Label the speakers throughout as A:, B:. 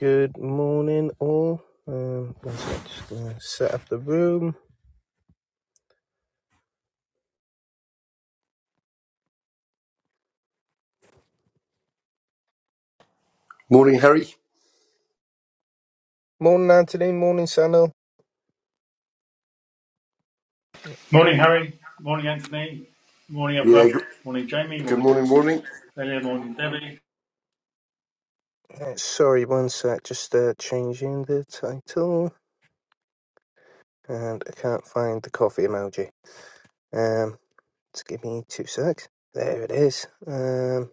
A: Good morning, all. Um, one sec, just gonna set up the room.
B: Morning, Harry.
A: Morning, Anthony. Morning, Sano.
C: Morning, Harry. Morning, Anthony. Morning,
B: Yeah,
C: everyone.
B: good,
C: Morning, Jamie.
B: good
C: Morning,
B: morning, morning.
C: Delia. Morning, Debbie.
A: Uh, sorry, one sec. Just uh, changing the title, and I can't find the coffee emoji. Um, just give me two secs. There it is. Um,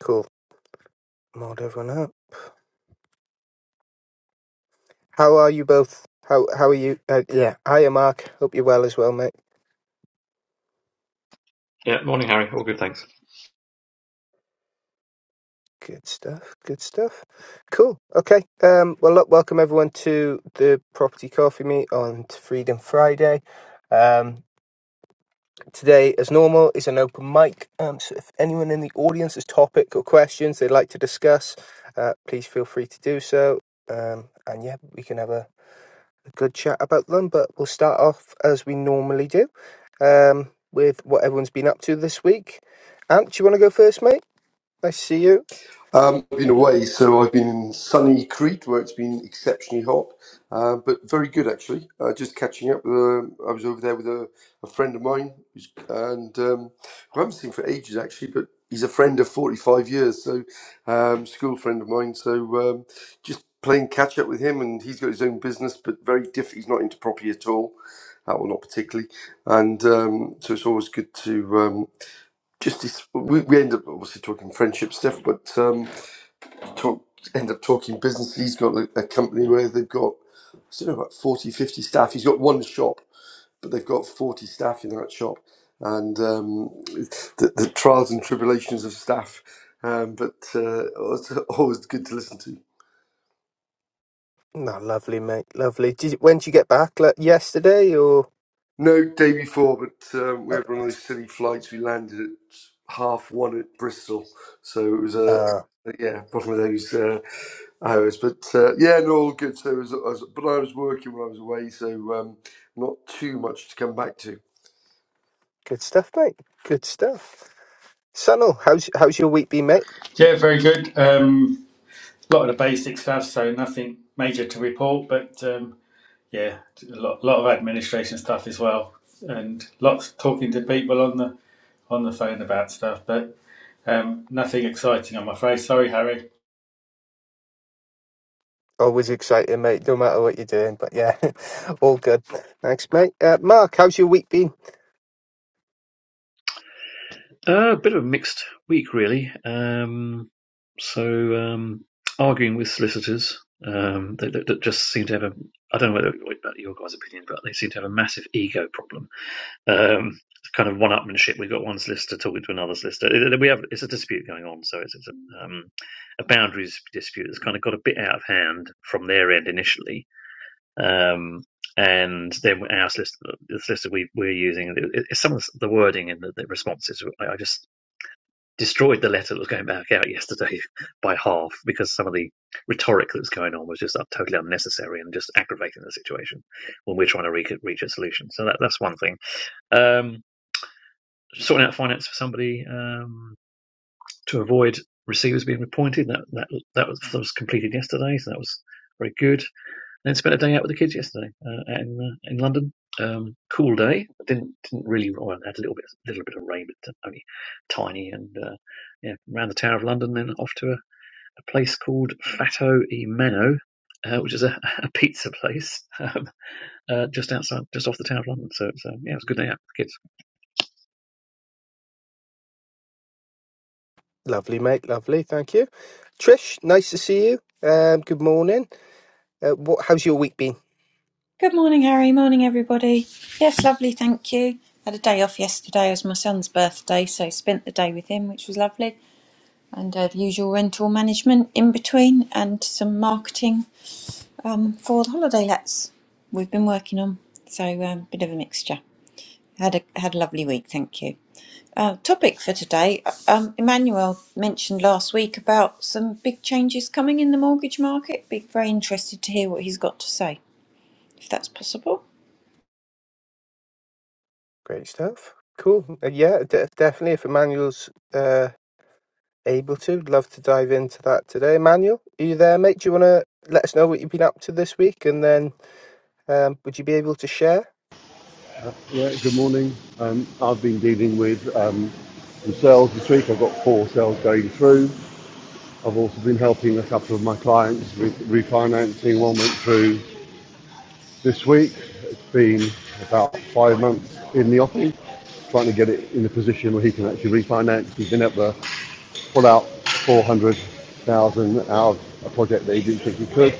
A: cool. Mod everyone up. How are you both? How How are you? Uh, yeah, hiya, Mark. Hope you're well as well, mate.
D: Yeah, morning, Harry. All good, thanks.
A: Good stuff. Good stuff. Cool. Okay. Um, well, look, welcome everyone to the Property Coffee Meet on Freedom Friday. Um, today, as normal, is an open mic. Um, so if anyone in the audience has topic or questions they'd like to discuss, uh, please feel free to do so. Um, and yeah, we can have a, a good chat about them. But we'll start off as we normally do um, with what everyone's been up to this week. Ant, do you want to go first, mate? Nice to see you.
B: Um, I've been away, so I've been in sunny Crete where it's been exceptionally hot, uh, but very good actually. Uh, just catching up. uh, I was over there with a, a friend of mine, who's, and um, who I haven't seen for ages actually, but he's a friend of 45 years, so um, school friend of mine. So um, just playing catch up with him, and he's got his own business, but very different. He's not into property at all, uh, well, not particularly, and um, so it's always good to. um, just this, we, we end up obviously talking friendship stuff, but um, talk end up talking business. He's got a, a company where they've got I don't know about 40 50 staff. He's got one shop, but they've got forty staff in that shop, and um, the, the trials and tribulations of staff. Um, but uh, it's always good to listen to.
A: No, lovely, mate. Lovely. Did you, when did you get back? Like yesterday or?
B: No, day before, but um, we
A: Oh,
B: had one of
A: nice.
B: those silly flights. We landed at half one at Bristol, so it was a uh,
A: Uh,
B: yeah, bottom of those uh, hours. But uh, yeah, no, all good. So, it was, I was, but I was working when I was away, so um, not too much to come back to.
A: good stuff, mate. Good stuff. Sunil, how's how's your week been, mate?
C: Yeah, very good. Um, a lot of the basic stuff, so nothing major to report, but um, yeah, a lot, lot of administration stuff as well, and lots talking to people on the on the phone about stuff, but um, nothing exciting, I'm afraid. Sorry, Harry.
A: Always exciting, mate. No matter what you're doing, but yeah, all good. Thanks, mate. Uh, Mark, how's your week been?
D: Uh, a bit of a mixed week, really. Um, so, um, arguing with solicitors um, that, that, that just seem to have a, I don't know whether, about your guys' opinion, but they seem to have a massive ego problem. Um, it's kind of one-upmanship. We've got one solicitor talking to another solicitor. We have it's a dispute going on, so it's, it's a, um, a boundaries dispute that's kind of got a bit out of hand from their end initially, Um, and then our solicitor, the solicitor we, we're using, it, it, some of the wording in the, the responses, I, I just destroyed the letter that was going back out yesterday by half because some of the rhetoric that was going on was just uh, totally unnecessary and just aggravating the situation when we're trying to reach, a- reach a solution. So that, that's one thing. Um, sorting out finance for somebody um, to avoid receivers being appointed, that, that, that, was, that was completed yesterday, so that was very good then spent a day out with the kids yesterday uh, in uh, in London. Um, cool day. Didn't didn't really. Well, had a little bit little bit of rain, but only tiny. And uh, yeah, around the Tower of London, then off to a, a place called Fatto e Meno, uh, which is a, a pizza place um, uh, just outside, just off the Tower of London. So it's, um, yeah, it was a good day out with
A: Lovely, mate. Lovely. Thank you. Trish, nice to see you. Um, good morning. Uh, what? How's your week been?
E: Good morning, Harry. Morning, everybody. Yes, lovely. Thank you. Had a day off yesterday. It was my son's birthday, so spent the day with him, which was lovely. And uh, the usual rental management in between, and some marketing um, for the holiday lets we've been working on. So a um, bit of a mixture. Had a had a lovely week. Thank you. Uh, topic for today. Um, Emmanuel mentioned last week about some big changes coming in the mortgage market. Be very interested to hear what he's got to say, if that's possible.
A: Great stuff. Cool. Uh, yeah, de- definitely. If Emmanuel's uh Able to. Love to dive into that today. Emmanuel, are you there, mate? Do you want to let us know what you've been up to this week? And then um, would you be able to share?
F: Uh, Yeah, good morning. Um, I've been dealing with um, some sales this week. I've got four sales going through. I've also been helping a couple of my clients with refinancing. One went through this week. It's been about five months in the offing, trying to get it in a position where he can actually refinance. He's been at the pull out 400,000 out of a project that he didn't think he could,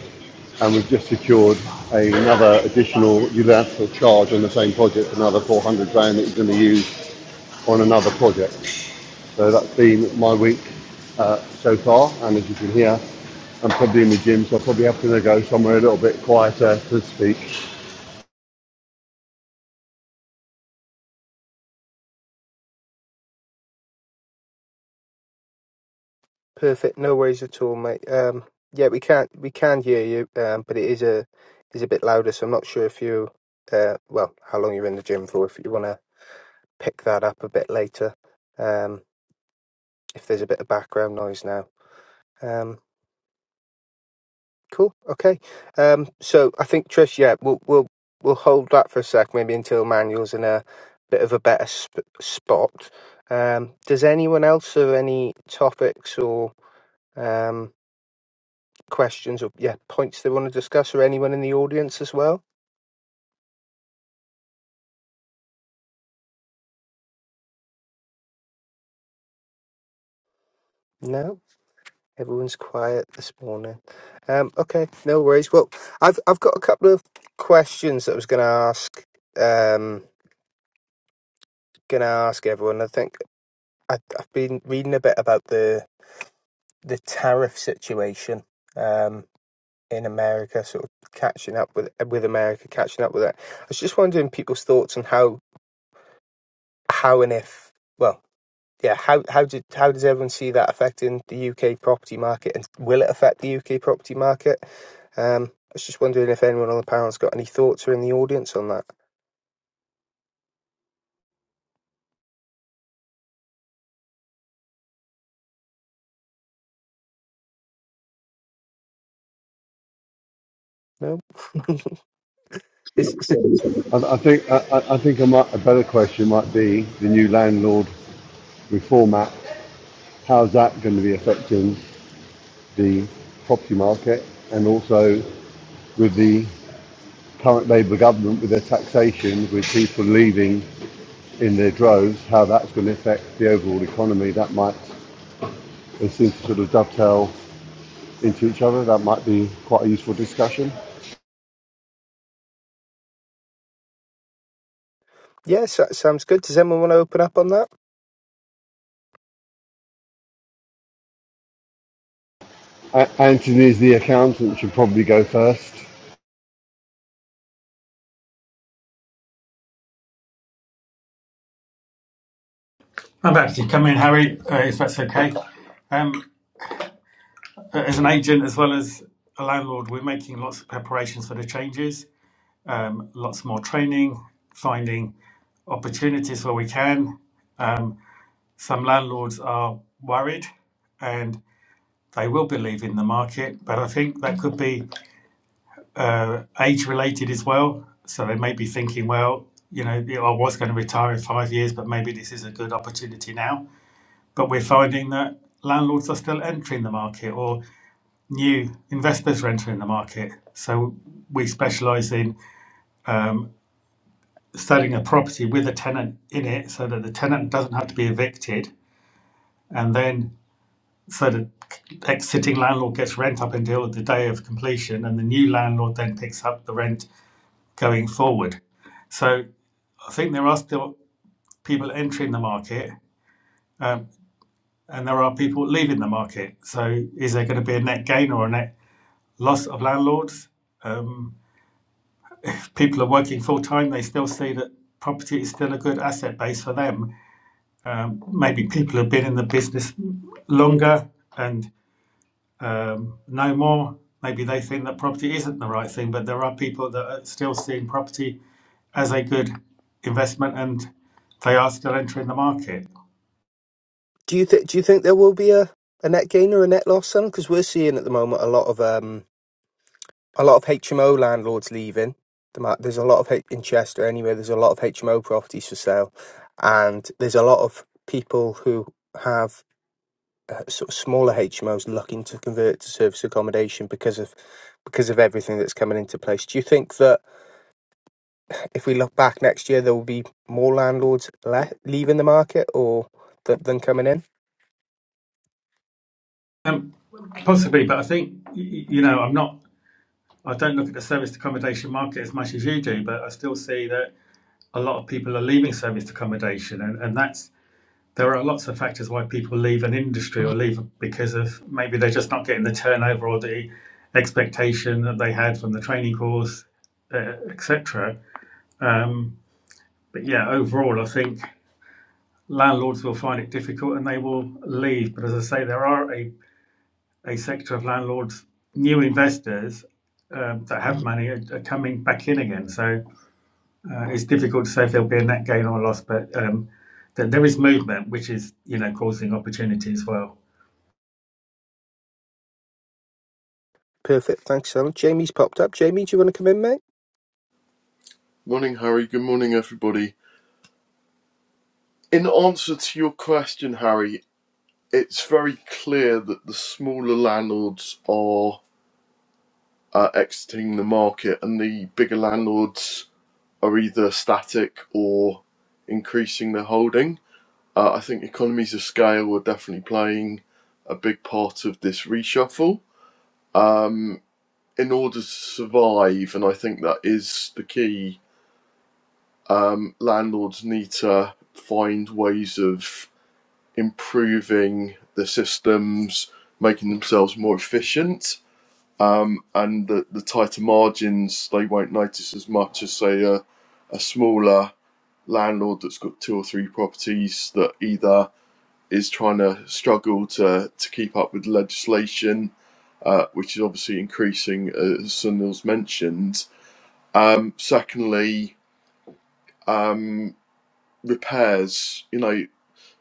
F: and we've just secured another additional unilateral charge on the same project, another 400 grand that he's going to use on another project. So that's been my week uh, so far, and as you can hear, I'm probably in the gym, so I probably have to go somewhere a little bit quieter so to speak.
A: Perfect. No worries at all, mate. Um, yeah, we can't we can hear you, um, but it is a is a bit louder, so I'm not sure if you uh, well how long you're in the gym for. If you want to pick that up a bit later, um, if there's a bit of background noise now. Um, Cool. Okay. Um, so I think Trish, yeah, we'll we'll we'll hold that for a sec, maybe until Manuel's in a bit of a better sp- spot. Um, does anyone else have any topics or um, questions or yeah points they want to discuss, or anyone in the audience as well? No, everyone's quiet this morning. Um, okay, no worries. Well, I've I've got a couple of questions that I was going to ask. Um, going to ask everyone. I think I, I've been reading a bit about the the tariff situation um, in America, sort of catching up with with America, catching up with that. I was just wondering people's thoughts on how how and if well, yeah, how how did how does everyone see that affecting the UK property market, and will it affect the UK property market? Um, I was just wondering if anyone on the panel's got any thoughts or in the audience on that. No, is, is,
D: the kids.
F: I, I think I, I think a, a better question might be the new landlord reform act. How's that going to be affecting the property market and also with the current Labour government with their taxation, with people leaving in their droves, how that's going to affect the overall economy. That might, they seem to sort of dovetail into each other. That might be quite a useful discussion.
A: yeah, so, sounds good. Does anyone want to open up on that?
F: A- Anthony is the accountant, should probably go first.
C: I'm about to come in, Harry, uh, if that's okay. Um, as an agent as well as a landlord, we're making lots of preparations for the changes. um, lots more training, finding opportunities where we can. Um, some landlords are worried and they will be leaving the market, but I think that could be uh, age related as well. So they may be thinking, well, you know, yeah, I was going to retire in five years, but maybe this is a good opportunity now. But we're finding that landlords are still entering the market or new investors are entering the market. So we specialise in um, selling a property with a tenant in it so that the tenant doesn't have to be evicted and then so the exiting landlord gets rent up until the day of completion and the new landlord then picks up the rent going forward so i think there are still people entering the market um, and there are people leaving the market so is there going to be a net gain or a net loss of landlords um, if people are working full time they still see that property is still a good asset base for them Um, maybe people have been in the business longer and um, know more. Maybe they think that property isn't the right thing, but there are people that are still seeing property as a good investment and they are still entering the market.
A: Do you think do you think there will be a a net gain or a net loss, son? Because we're seeing at the moment a lot of um, a lot of HMO landlords leaving. The ma- There's a lot of in Chester anyway. There's a lot of HMO properties for sale, and there's a lot of people who have uh, sort of smaller HMOs looking to convert to service accommodation because of because of everything that's coming into place. Do you think that if we look back next year, there will be more landlords le- leaving the market or th- than coming in?
C: Um, possibly, but I think, you know, I'm not, I don't look at the serviced accommodation market as much as you do, but I still see that a lot of people are leaving serviced accommodation and, and that's there are lots of factors why people leave an industry or leave because of maybe they're just not getting the turnover or the expectation that they had from the training course, uh, etc. Um, but yeah, overall, I think landlords will find it difficult and they will leave. But as I say, there are a, a sector of landlords, new investors um, that have money are, are coming back in again. So uh, it's difficult to say if there'll be a net gain or loss, but um, that there is movement, which is you know causing opportunity as well.
A: Perfect. Thanks, Alan. Jamie's popped up. Jamie, do you want to come in, mate?
G: Morning, Harry. Good morning, everybody. In answer to your question, Harry, it's very clear that the smaller landlords are uh, exiting the market and the bigger landlords are either static or increasing their holding. Uh, I think economies of scale are definitely playing a big part of this reshuffle um, in order to survive, and I think that is the key. Um, landlords need to find ways of improving the systems, making themselves more efficient, um, and the, the tighter margins they won't notice as much as say a, a smaller landlord that's got two or three properties that either is trying to struggle to, to keep up with legislation, uh, which is obviously increasing uh, as Sunil's mentioned. Um, secondly, um, repairs. You know,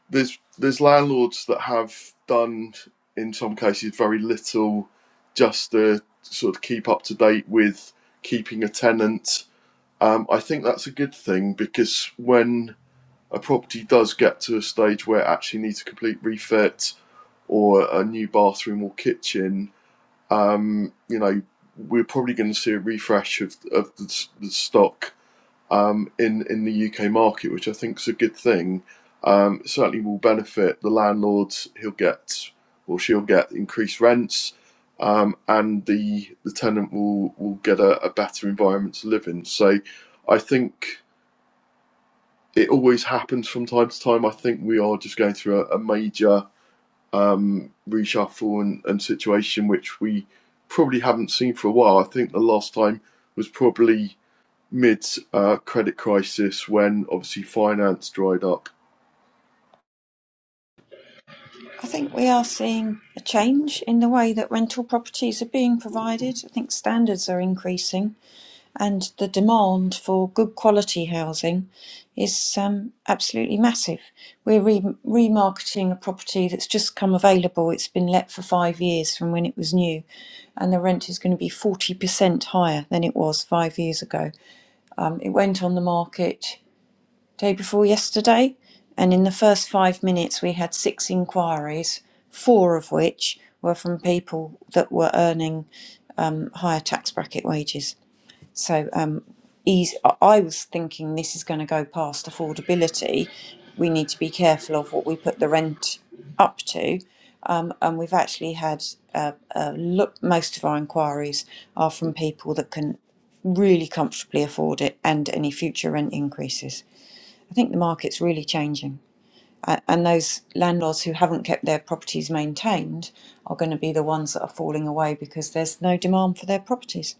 G: there's there's landlords that have done in some cases very little just to sort of keep up to date with keeping a tenant. Um, I think that's a good thing because when a property does get to a stage where it actually needs a complete refit or a new bathroom or kitchen, um, you know, we're probably going to see a refresh of, of the, the stock um, in in the UK market, which I think is a good thing. Um, certainly will benefit the landlords. He'll get or she'll get increased rents, um, and the the tenant will will get a, a better environment to live in. So, I think it always happens from time to time. I think we are just going through a, a major um, reshuffle and, and situation which we probably haven't seen for a while. I think the last time was probably mid uh, credit crisis when obviously finance dried up.
E: I think we are seeing a change in the way that rental properties are being provided. I think standards are increasing, and the demand for good quality housing is um, absolutely massive. We're re- remarketing a property that's just come available. It's been let for five years from when it was new, and the rent is going to be 40% higher than it was five years ago. Um, it went on the market day before yesterday, and in the first five minutes, we had six inquiries, four of which were from people that were earning um, higher tax bracket wages. So, um, eas- I I was thinking this is going to go past affordability. We need to be careful of what we put the rent up to. Um, and we've actually had uh, uh, look, most of our inquiries are from people that can really comfortably afford it and any future rent increases. I think the market's really changing. A- And those landlords who haven't kept their properties maintained are going to be the ones that are falling away because there's no demand for their properties.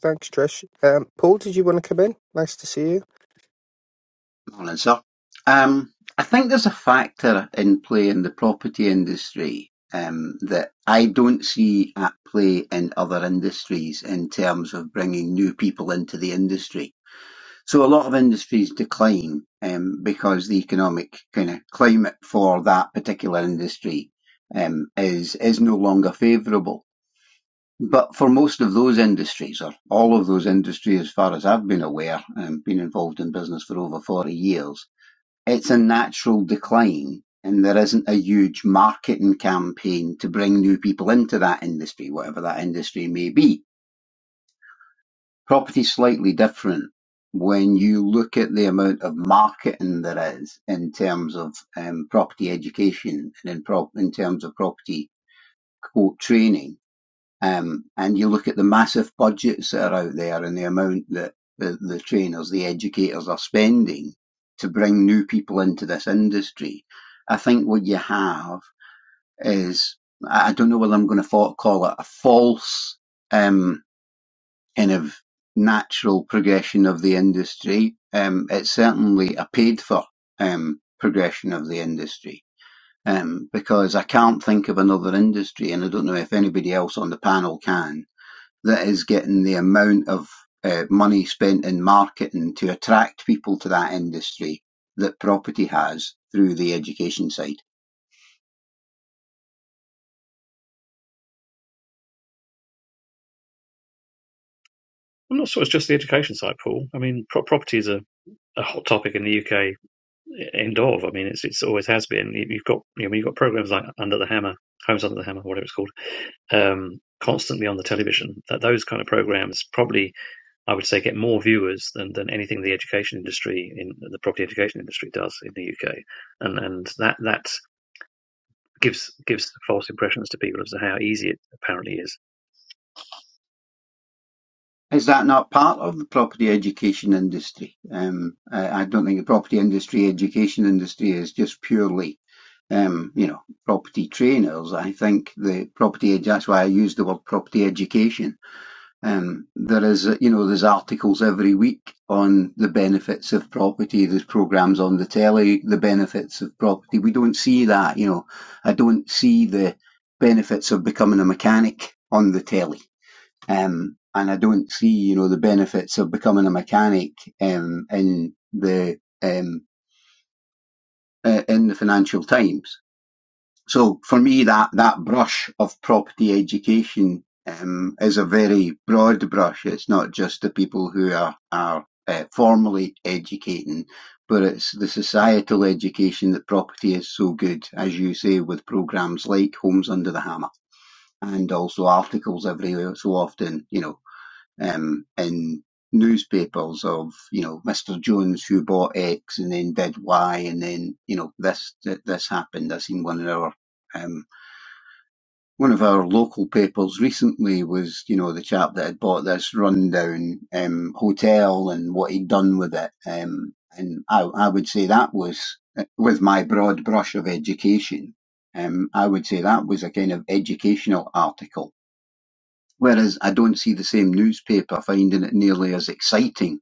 A: Thanks, Trish. Um, Paul, did you want to come in? Nice to see you.
H: Morning, sir. Um, I think there's a factor in play in the property industry um, that I don't see at play in other industries in terms of bringing new people into the industry. So a lot of industries decline um, because the economic kind of climate for that particular industry um, is is no longer favourable. But for most of those industries, or all of those industries, as far as I've been aware, um, been involved in business for over 40 years, it's a natural decline, and there isn't a huge marketing campaign to bring new people into that industry, whatever that industry may be. Property's slightly different when you look at the amount of marketing there is in terms of um, property education and in, prop in terms of property quote training um, and you look at the massive budgets that are out there and the amount that the, the trainers, the educators are spending to bring new people into this industry. I think what you have is, I don't know whether I'm going to call it a false um, kind of natural progression of the industry. Um, it's certainly a paid for um, progression of the industry um, because I can't think of another industry, and I don't know if anybody else on the panel can, that is getting the amount of uh, money spent in marketing to attract people to that industry that property has through the education side.
D: I'm not sure it's just the education side, Paul. I mean, pro- property is a, a hot topic in the UK end of. I mean, it's it's always has been. You- have got you know you've got programs like Under the Hammer, Homes Under the Hammer, whatever it's called, um, constantly on the television. That those kind of programs probably I would say get more viewers than, than anything the education industry in the property education industry does in the UK, and and that that gives gives false impressions to people as to how easy it apparently is
H: Is that not part of the property education industry? Um, I, I don't think the property industry, education industry is just purely, um, you know, property trainers. I think the property, ed- that's why I use the word property education. Um, there is, uh, you know, there's articles every week on the benefits of property. There's programs on the telly, the benefits of property. We don't see that, you know, I don't see the benefits of becoming a mechanic on the telly um, and I don't see, you know, the benefits of becoming a mechanic um, in the um, uh, in the Financial Times. So for me, that that brush of property education um, is a very broad brush. It's not just the people who are are uh, formally educating, but it's the societal education that property is so good, as you say, with programs like Homes Under the Hammer and also articles every so often, you know um, in newspapers of you know Mr. Jones who bought X and then did Y and then you know this th- this happened. I seen one of our um, one of our local papers recently was you know the chap that had bought this rundown um, hotel and what he'd done with it. Um, and I, I would say that was uh, with my broad brush of education. Um, I would say that was a kind of educational article Whereas I don't see the same newspaper finding it nearly as exciting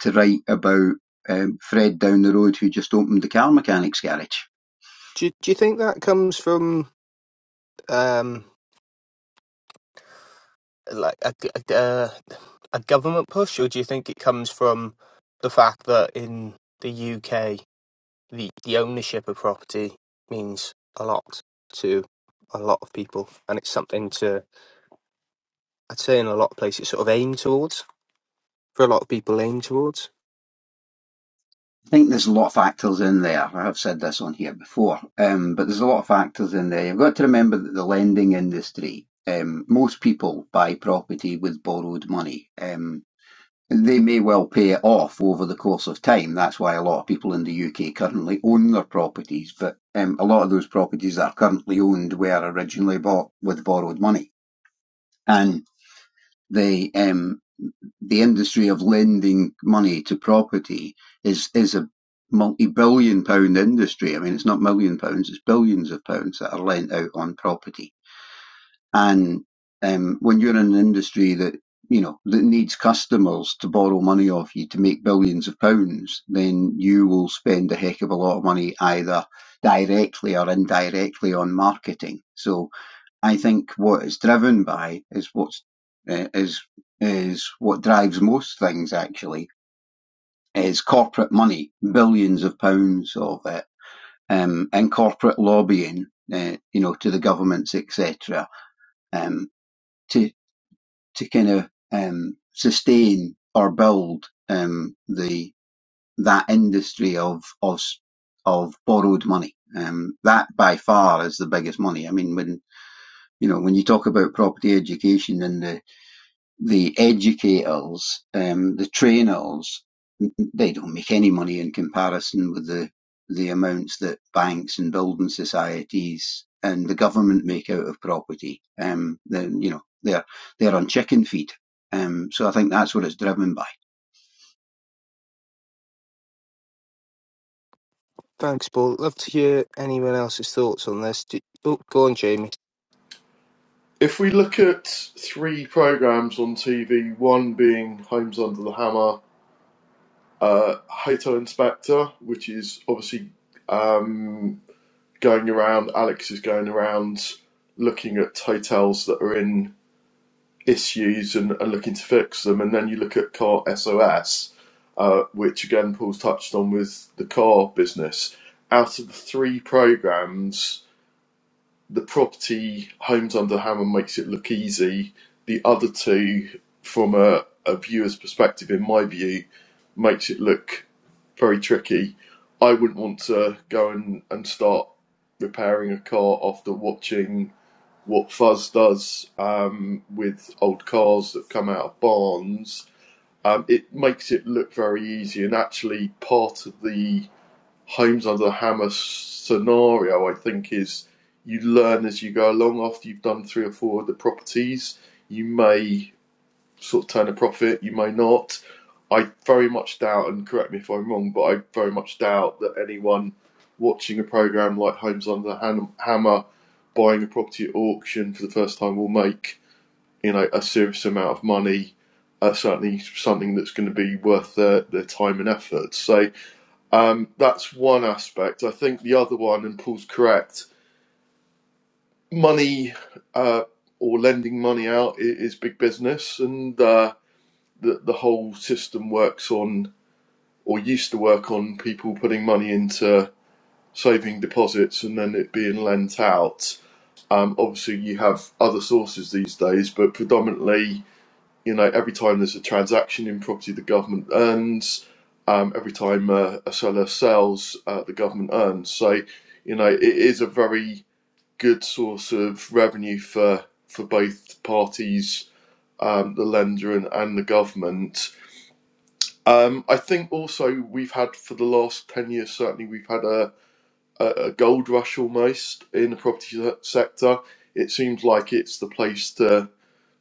H: to write about um, Fred down the road who just opened the car mechanics garage.
A: Do, do you think that comes from um, like a, g- a- uh, a government push, or do you think it comes from the fact that in the UK, the, the ownership of property means a lot to a lot of people, and it's something to I'd say in a lot of places sort of aim towards for a lot of people aim towards.
H: I think there's a lot of factors in there. I have said this on here before, um, but there's a lot of factors in there. You've got to remember that the lending industry, um, most people buy property with borrowed money. Um, They may well pay it off over the course of time. That's why a lot of people in the UK currently own their properties, but um, a lot of those properties that are currently owned were originally bought with borrowed money. And the um, the industry of lending money to property is is a multi-billion pound industry. I mean, it's not million pounds; it's billions of pounds that are lent out on property and um, when you're in an industry that you know that needs customers to borrow money off you to make billions of pounds, then you will spend a heck of a lot of money either directly or indirectly on marketing. So I think what it's driven by is what's uh, is is what drives most things actually is corporate money, billions of pounds of it, um, and corporate lobbying, uh, you know, to the governments, etc. Um, to to kind of um, sustain or build um, the that industry of of of borrowed money. Um, that by far is the biggest money. I mean, when you know when you talk about property education and the the educators, um, the trainers, they don't make any money in comparison with the the amounts that banks and building societies and the government make out of property. Um, then you know they're they're on chicken feed. Um, so I think that's what it's driven by.
A: Thanks, Paul. Love to hear anyone else's thoughts on this. Do- oh, go on, Jamie.
G: If we look at three programs on TV, one being Homes Under the Hammer, uh, Hotel Inspector, which is obviously going around, Alex is going around looking at hotels that are in issues and, and looking to fix them. And then you look at Car SOS, uh, which again Paul's touched on with the car business. Out of the three programs, the property Homes Under Hammer makes it look easy. The other two, from a, a viewer's perspective, in my view, makes it look very tricky. I wouldn't want to go and, and start repairing a car after watching what Fuzz does um, with old cars that come out of barns. Um, it makes it look very easy, and actually, part of the Homes Under the Hammer scenario, I think, is you learn as you go along. After you've done three or four of the properties, you may sort of turn a profit, you may not. I very much doubt, and correct me if I'm wrong, but I very much doubt that anyone watching a program like Homes Under the Hammer, buying a property at auction for the first time, will make you know a serious amount of money. Uh, certainly, something that's going to be worth their, their time and effort. So, um, that's one aspect. I think the other one, and Paul's correct, money uh, or lending money out is big business, and uh, the the whole system works on or used to work on people putting money into saving deposits and then it being lent out. Um, obviously, you have other sources these days, but predominantly you know, every time there's a transaction in property, the government earns. Um, every time uh, a seller sells, uh, the government earns. So, you know, it is a very good source of revenue for for both parties, um, the lender and, and the government. Um, I think also we've had for the last ten years, certainly we've had a, a, a gold rush almost in the property sector. It seems like it's the place to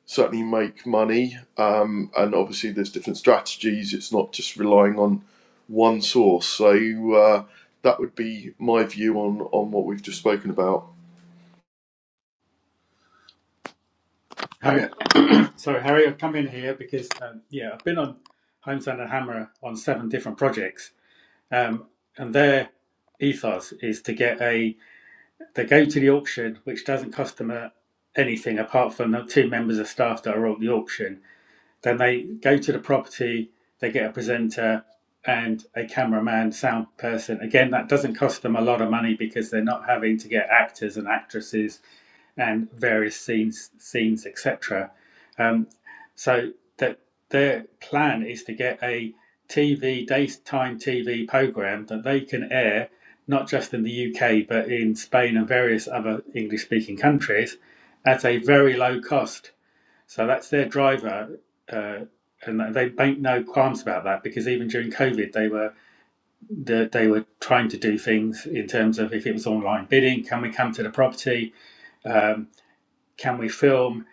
G: certainly make money. Um, and obviously, there's different strategies. It's not just relying on one source. So uh, that would be my view on on what we've just spoken about.
C: How, So, Harry, I've come in here because, um, yeah, I've been on Homestand and Hammer on seven different projects, um, and their ethos is to get a they go to the auction, which doesn't cost them a, anything apart from the two members of staff that are at the auction. Then they go to the property, they get a presenter and a cameraman, sound person. Again, that doesn't cost them a lot of money because they're not having to get actors and actresses and various scenes, scenes, etc. So that their plan is to get a TV daytime TV program that they can air not just in the UK but in Spain and various other English speaking countries at a very low cost. So that's their driver. Uh, and they make no qualms about that because even during COVID, they were they, they were trying to do things in terms of if it was online bidding, can we come to the property? Um, can we film?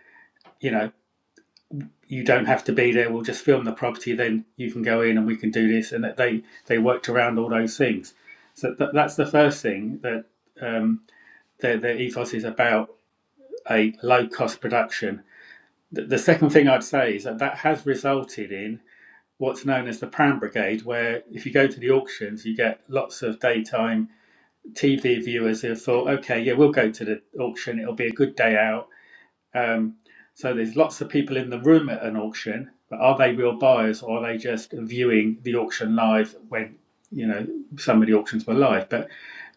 C: You know, you don't have to be there. We'll just film the property, then you can go in and we can do this. And that they they worked around all those things. So th- that's the first thing that um, their, their ethos is about a low cost production. The, the second thing I'd say is that that has resulted in what's known as the Pram Brigade, where if you go to the auctions, you get lots of daytime TV viewers who have thought, okay, yeah, we'll go to the auction. It'll be a good day out um, so there's lots of people in the room at an auction, but are they real buyers or are they just viewing the auction live when you know some of the auctions were live? But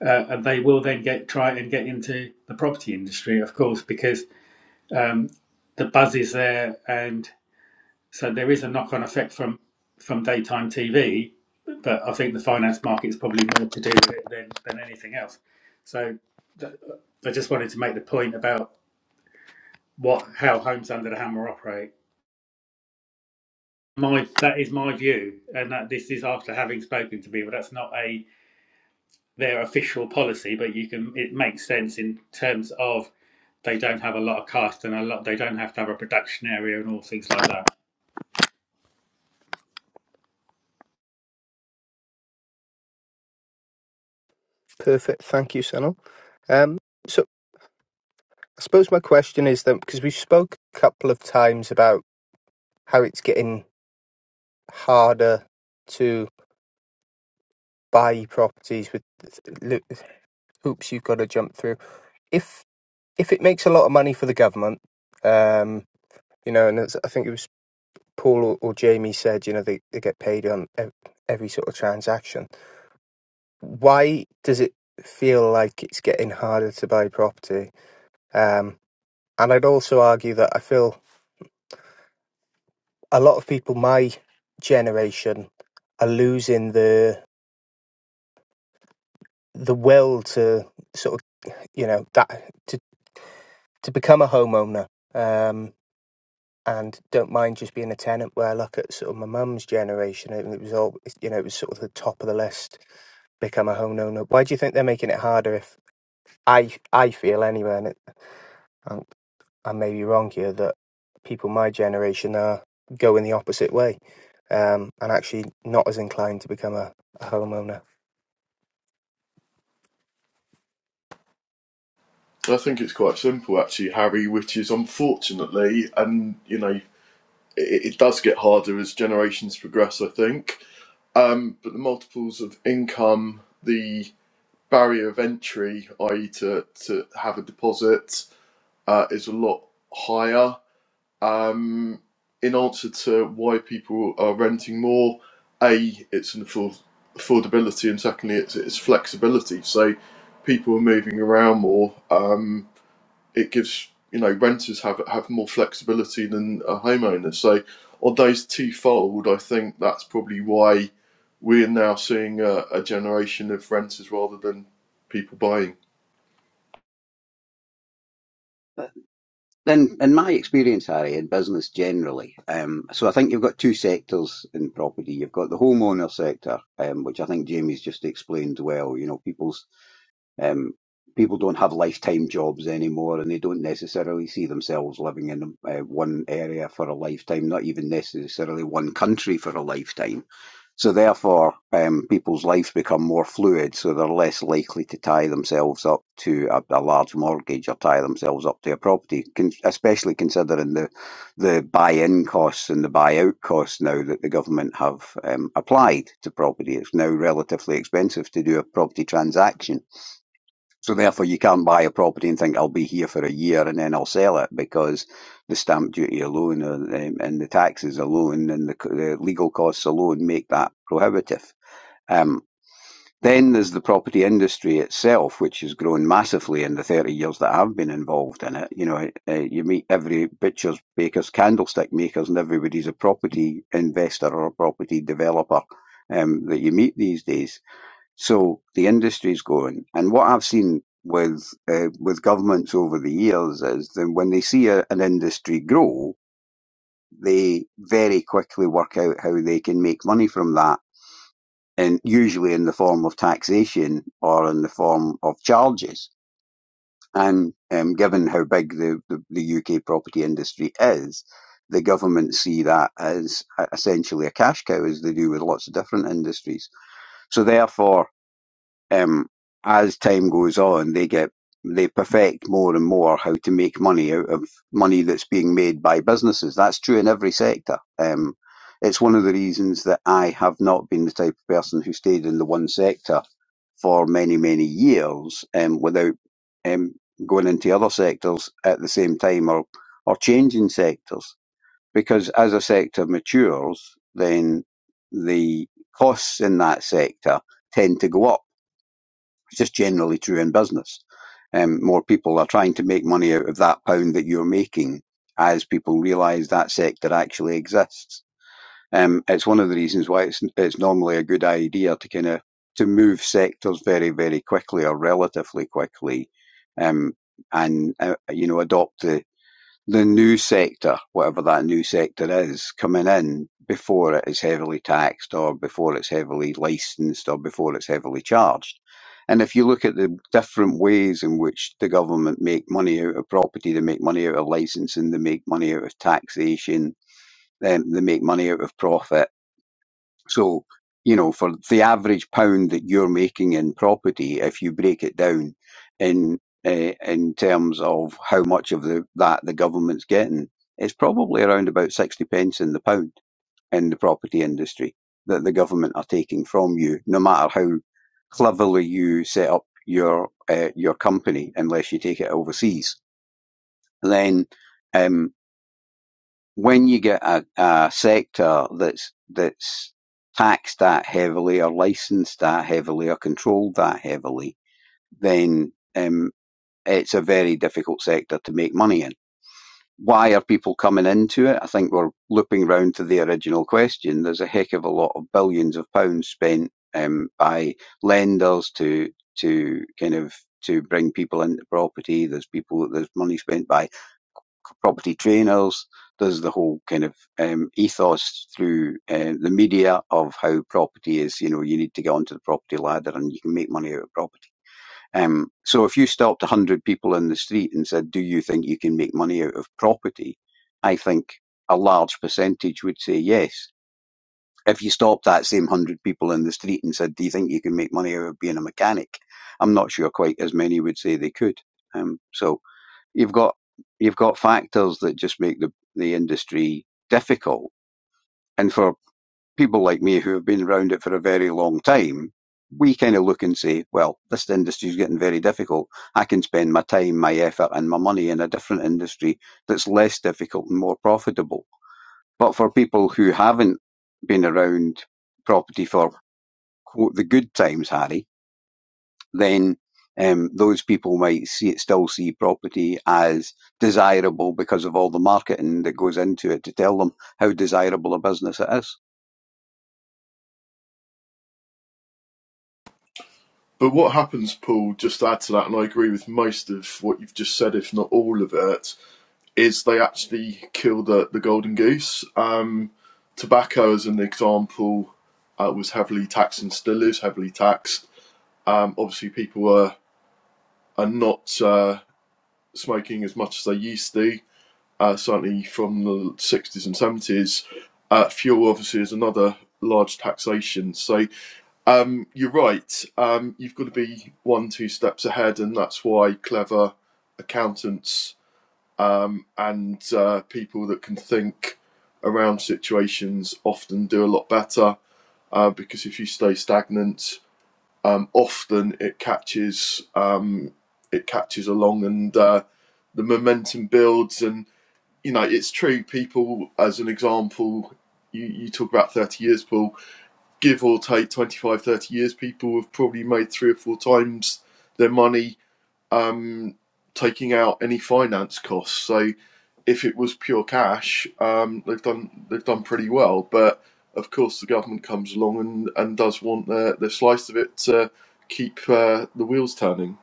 C: uh, and they will then get try and get into the property industry, of course, because um, the buzz is there, and so there is a knock-on effect from from daytime TV. But I think the finance market is probably more to do with it than, than anything else. So th- I just wanted to make the point about what how Homes Under the Hammer operate. My that is my view, and that this is after having spoken to people. That's not a their official policy, but you can it makes sense in terms of they don't have a lot of cast and a lot they don't have to have a production area and all things like that.
A: Perfect. Thank you, Sunil. Um, so I suppose my question is then, because we spoke a couple of times about how it's getting harder to buy properties with lo- hoops you've got to jump through. If if it makes a lot of money for the government, um, you know, and it's, I think it was Paul or, or Jamie said, you know, they, they get paid on ev- every sort of transaction why does it feel like it's getting harder to buy property? Um, and I'd also argue that I feel a lot of people my generation are losing the the will to sort of you know that to to become a homeowner um, and don't mind just being a tenant. Where I look at sort of my mum's generation, and it was all you know it was sort of the top of the list become a homeowner. Why do you think they're making it harder? If I I feel anyway, and it, I may be wrong here that people my generation are going the opposite way um, and actually not as inclined to become a, a homeowner.
G: I think it's quite simple, actually, Harry. Which is unfortunately, and you know, it, it does get harder as generations progress. I think, um, but the multiples of income, the barrier of entry, i.e., to to have a deposit, uh, is a lot higher um, in answer to why people are renting more, a it's an afford- affordability, and secondly, it's, it's flexibility. So people are moving around more. Um, it gives you know renters have have more flexibility than a homeowner. So on those twofold, I think that's probably why we're now seeing a, a generation of renters rather than people buying.
H: But Then, in my experience, Harry, in business generally, um, so I think you've got two sectors in property. You've got the homeowner sector, um, which I think Jamie's just explained well. You know, people's Um, people don't have lifetime jobs anymore, and they don't necessarily see themselves living in uh, one area for a lifetime, not even necessarily one country for a lifetime. So therefore, um, people's lives become more fluid, so they're less likely to tie themselves up to a, a large mortgage or tie themselves up to a property, con- especially considering the the buy-in costs and the buy-out costs now that the government have um, applied to property. It's now relatively expensive to do a property transaction so therefore, you can't buy a property and think I'll be here for a year and then I'll sell it because the stamp duty alone uh, um, and the taxes alone and the, the legal costs alone make that prohibitive. Um, then there's the property industry itself, which has grown massively in the 30 years that I've been involved in it. You know, uh, you meet every butchers, bakers, candlestick makers, and everybody's a property investor or a property developer um, that you meet these days so the industry's going, and what I've seen with uh, with governments over the years is that when they see a, an industry grow, they very quickly work out how they can make money from that, and usually in the form of taxation or in the form of charges. And um, given how big the, the, the UK property industry is, the government see that as e-, essentially a cash cow, as they do with lots of different industries. So therefore, um, as time goes on, they get they perfect more and more how to make money out of money that's being made by businesses. That's true in every sector. Um, it's one of the reasons that I have not been the type of person who stayed in the one sector for many many years um, without um, going into other sectors at the same time or or changing sectors because as a sector matures, then the costs in that sector tend to go up it's just generally true in business. Um, more people are trying to make money out of that pound that you're making as people realise that sector actually exists. Um, it's one of the reasons why it's, it's normally a good idea to kind of to move sectors very, very quickly or relatively quickly, um, and uh, you know adopt the the new sector, whatever that new sector is, coming in before it is heavily taxed or before it's heavily licensed or before it's heavily charged. And if you look at the different ways in which the government make money out of property, they make money out of licensing, they make money out of taxation, um, they make money out of profit. So, you know, for the average pound that you're making in property, if you break it down in uh, in terms of how much of the that the government's getting, it's probably around about sixty pence in the pound in the property industry that the government are taking from you, no matter how cleverly you set up your uh, your company, unless you take it overseas, then. Um, when you get a, a sector that's that's taxed that heavily or licensed that heavily or controlled that heavily, then um, it's a very difficult sector to make money in. Why are people coming into it? I think we're looping round to the original question. There's a heck of a lot of billions of pounds spent um, by lenders to to kind of to bring people into property. There's people. There's money spent by property trainers. There's the whole kind of um, ethos through uh, the media of how property is. You know, you need to get onto the property ladder and you can make money out of property. Um, so if you stopped 100 people in the street and said, "Do you think you can make money out of property?" I think a large percentage would say yes. If you stopped that same 100 people in the street and said, "Do you think you can make money out of being a mechanic?" I'm not sure quite as many would say they could. Um, so you've got you've got factors that just make the, the industry difficult. And for people like me who have been around it for a very long time, we kind of look and say, well, this industry is getting very difficult. I can spend my time, my effort, and my money in a different industry that's less difficult and more profitable. But for people who haven't been around property for quote the good times, Harry, then um, those people might see it, still see property as desirable because of all the marketing that goes into it to tell them how desirable a business it is.
G: But what happens, Paul? Just to add to that, and I agree with most of what you've just said, if not all of it is they actually kill the, the golden goose. Um, tobacco, as an example, uh, was heavily taxed and still is heavily taxed. Um, obviously, people are, are not uh, smoking as much as they used to, uh, certainly from the 60s and 70s. Uh, fuel, obviously, is another large taxation. So um, you're right. Um, you've got to be one, two steps ahead, and that's why clever accountants um, and uh, people that can think around situations often do a lot better uh, because if you stay stagnant, um, often it catches um, it catches along and uh, the momentum builds. And you know, it's true. People, as an example, you, you talk about 30 years, Paul, give or take 25, 30 years, people have probably made three or four times their money um, taking out any finance costs. So if it was pure cash, um, they've done they've done pretty well. But of course, the government comes along and, and does want their, their slice of it to keep uh, the wheels turning.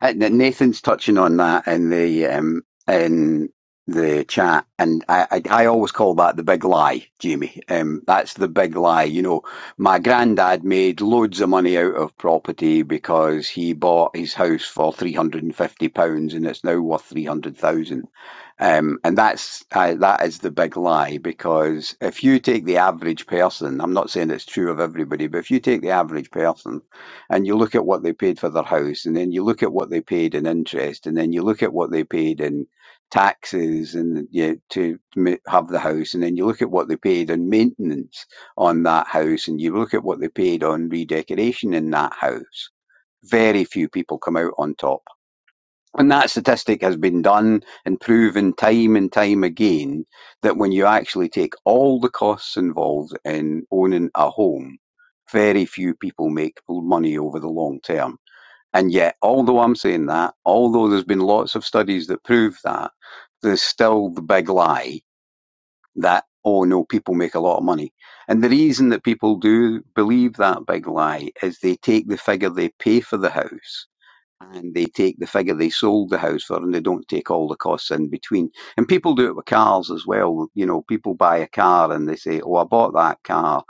H: And Nathan's touching on that in the um, in the chat, and I, I I always call that the big lie, Jamie. Um, that's the big lie. You know, my granddad made loads of money out of property because he bought his house for three hundred and fifty pounds, and it's now worth three hundred thousand Um, and that's uh, that is the big lie because if you take the average person, I'm not saying it's true of everybody, but if you take the average person and you look at what they paid for their house, and then you look at what they paid in interest, and then you look at what they paid in taxes and you, to ma- have the house, and then you look at what they paid in maintenance on that house, and you look at what they paid on redecoration in that house, very few people come out on top and that statistic has been done and proven time and time again that when you actually take all the costs involved in owning a home, very few people make money over the long term. And yet, although I'm saying that, although there's been lots of studies that prove that, there's still the big lie that, oh no, people make a lot of money. And the reason that people do believe that big lie is they take the figure they pay for the house and they take the figure they sold the house for and they don't take all the costs in between. And people do it with cars as well. You know, people buy a car and they say, Oh, I bought that car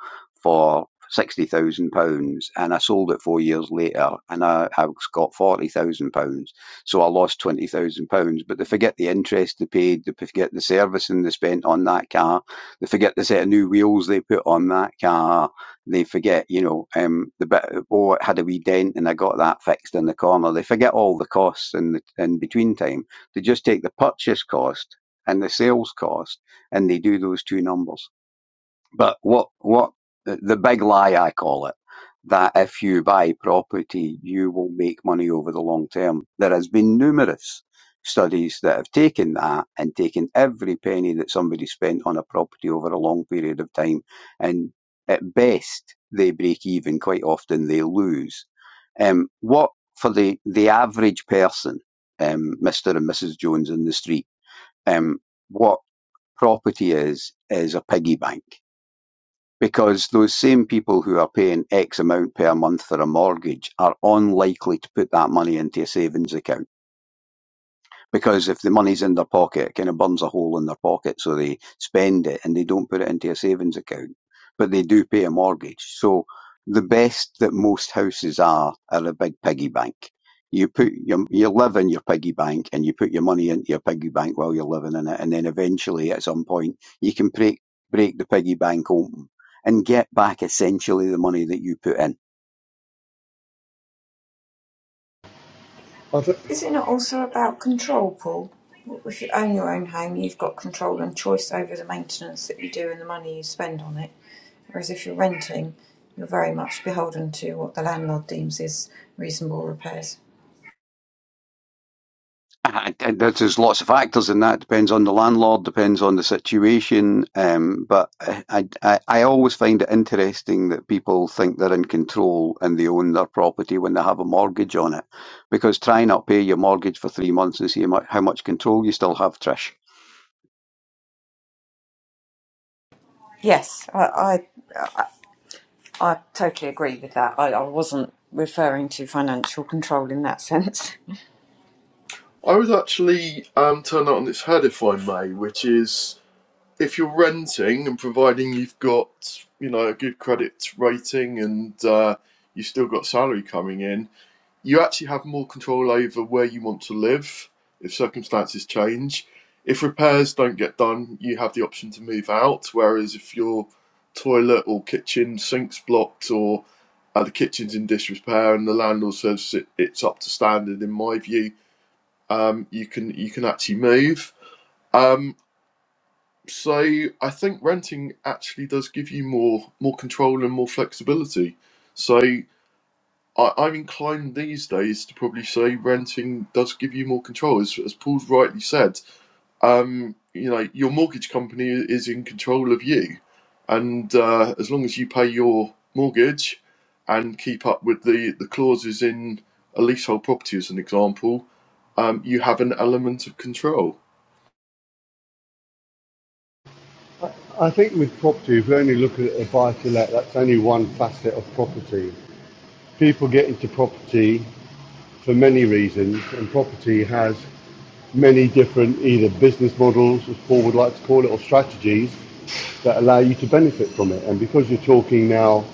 H: for sixty thousand pounds and I sold it four years later and I, I got forty thousand pounds. So I lost twenty thousand pounds. But they forget the interest they paid, they forget the servicing they spent on that car, they forget the set of new wheels they put on that car they forget, you know, um, the bit, oh, it had a wee dent and I got that fixed in the corner. They forget all the costs in the in between time. They just take the purchase cost and the sales cost and they do those two numbers. But what what the the big lie I call it that if you buy property, you will make money over the long term. There has been numerous studies that have taken that and taken every penny that somebody spent on a property over a long period of time, and at best they break even. Quite often they lose. Um, what for the the average person, um, Mister and Mrs Jones in the street, um, what property is is a piggy bank because those same people who are paying X amount per month for a mortgage are unlikely to put that money into a savings account because if the money's in their pocket, it kind of burns a hole in their pocket, so they spend it and they don't put it into a savings account, but they do pay a mortgage. So the best that most houses are are a big piggy bank. You put your, you live in your piggy bank and you put your money into your piggy bank while you're living in it, and then eventually at some point you can break break the piggy bank open and get back essentially the money that you put in
F: I, th-
E: Is it not also about control, Paul? If you own your own home, you've got control and choice over the maintenance that you do and the money you spend on it. Whereas if you're renting, you're very much beholden to what the landlord deems is reasonable repairs.
H: Uh, and There's lots of factors in that. Depends on the landlord, depends on the situation. Um, but I, I, I always find it interesting that people think they're in control and they own their property when they have a mortgage on it. Because try not pay your mortgage for three months and see how much, how much control you still have, Trish.
E: Yes, I, I totally agree with that. I, I wasn't referring to financial control in that sense.
G: I would actually um, turn that on its head if I may, which is if you're renting and providing you've got you know a good credit rating and uh, you've still got salary coming in, you actually have more control over where you want to live if circumstances change. If repairs don't get done, you have the option to move out. Whereas if your toilet or kitchen sink's blocked or uh, the kitchen's in disrepair and the landlord says it, it's up to standard, in my view, um, you can you can actually move. Um, so I think renting actually does give you more more control and more flexibility. So I, I'm inclined these days to probably say renting does give you more control, as, as Paul's rightly said. Um, you know, your mortgage company is in control of you, and uh, as long as you pay your mortgage and keep up with the, the clauses in a leasehold property, as an example, um, you have an element of control.
F: I think with property, if we only look at a buy to let, that's only one facet of property. People get into property for many reasons, and property has many different either business models, as Paul would like to call it, or strategies that allow you to benefit from it. And because you're talking now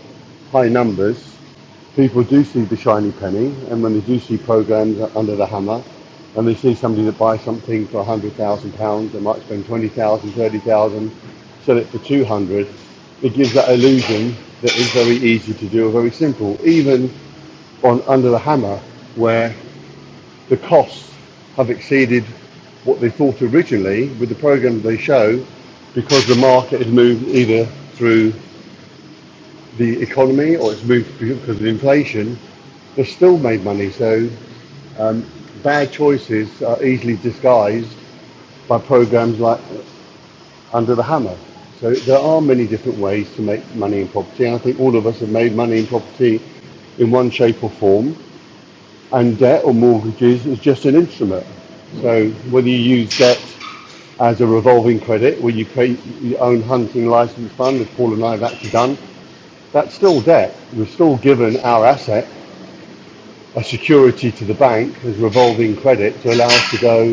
F: high numbers, people do see the shiny penny, and when they do see programs under the hammer, and they see somebody that buys something for one hundred thousand pounds, they might spend twenty thousand, thirty thousand, sell it for two hundred. It gives that illusion that it's very easy to do or very simple, even on under the hammer, where the costs have exceeded what they thought originally with the program they show because the market has moved either through the economy or it's moved because of inflation. They've still made money, so bad choices are easily disguised by programs like Under the Hammer. So there are many different ways to make money in property, and I think all of us have made money in property in one shape or form, and debt or mortgages is just an instrument. So whether you use debt as a revolving credit where you create your own hunting license fund, as Paul and I have actually done, that's still debt. We've still given our asset a security to the bank as revolving credit to allow us to go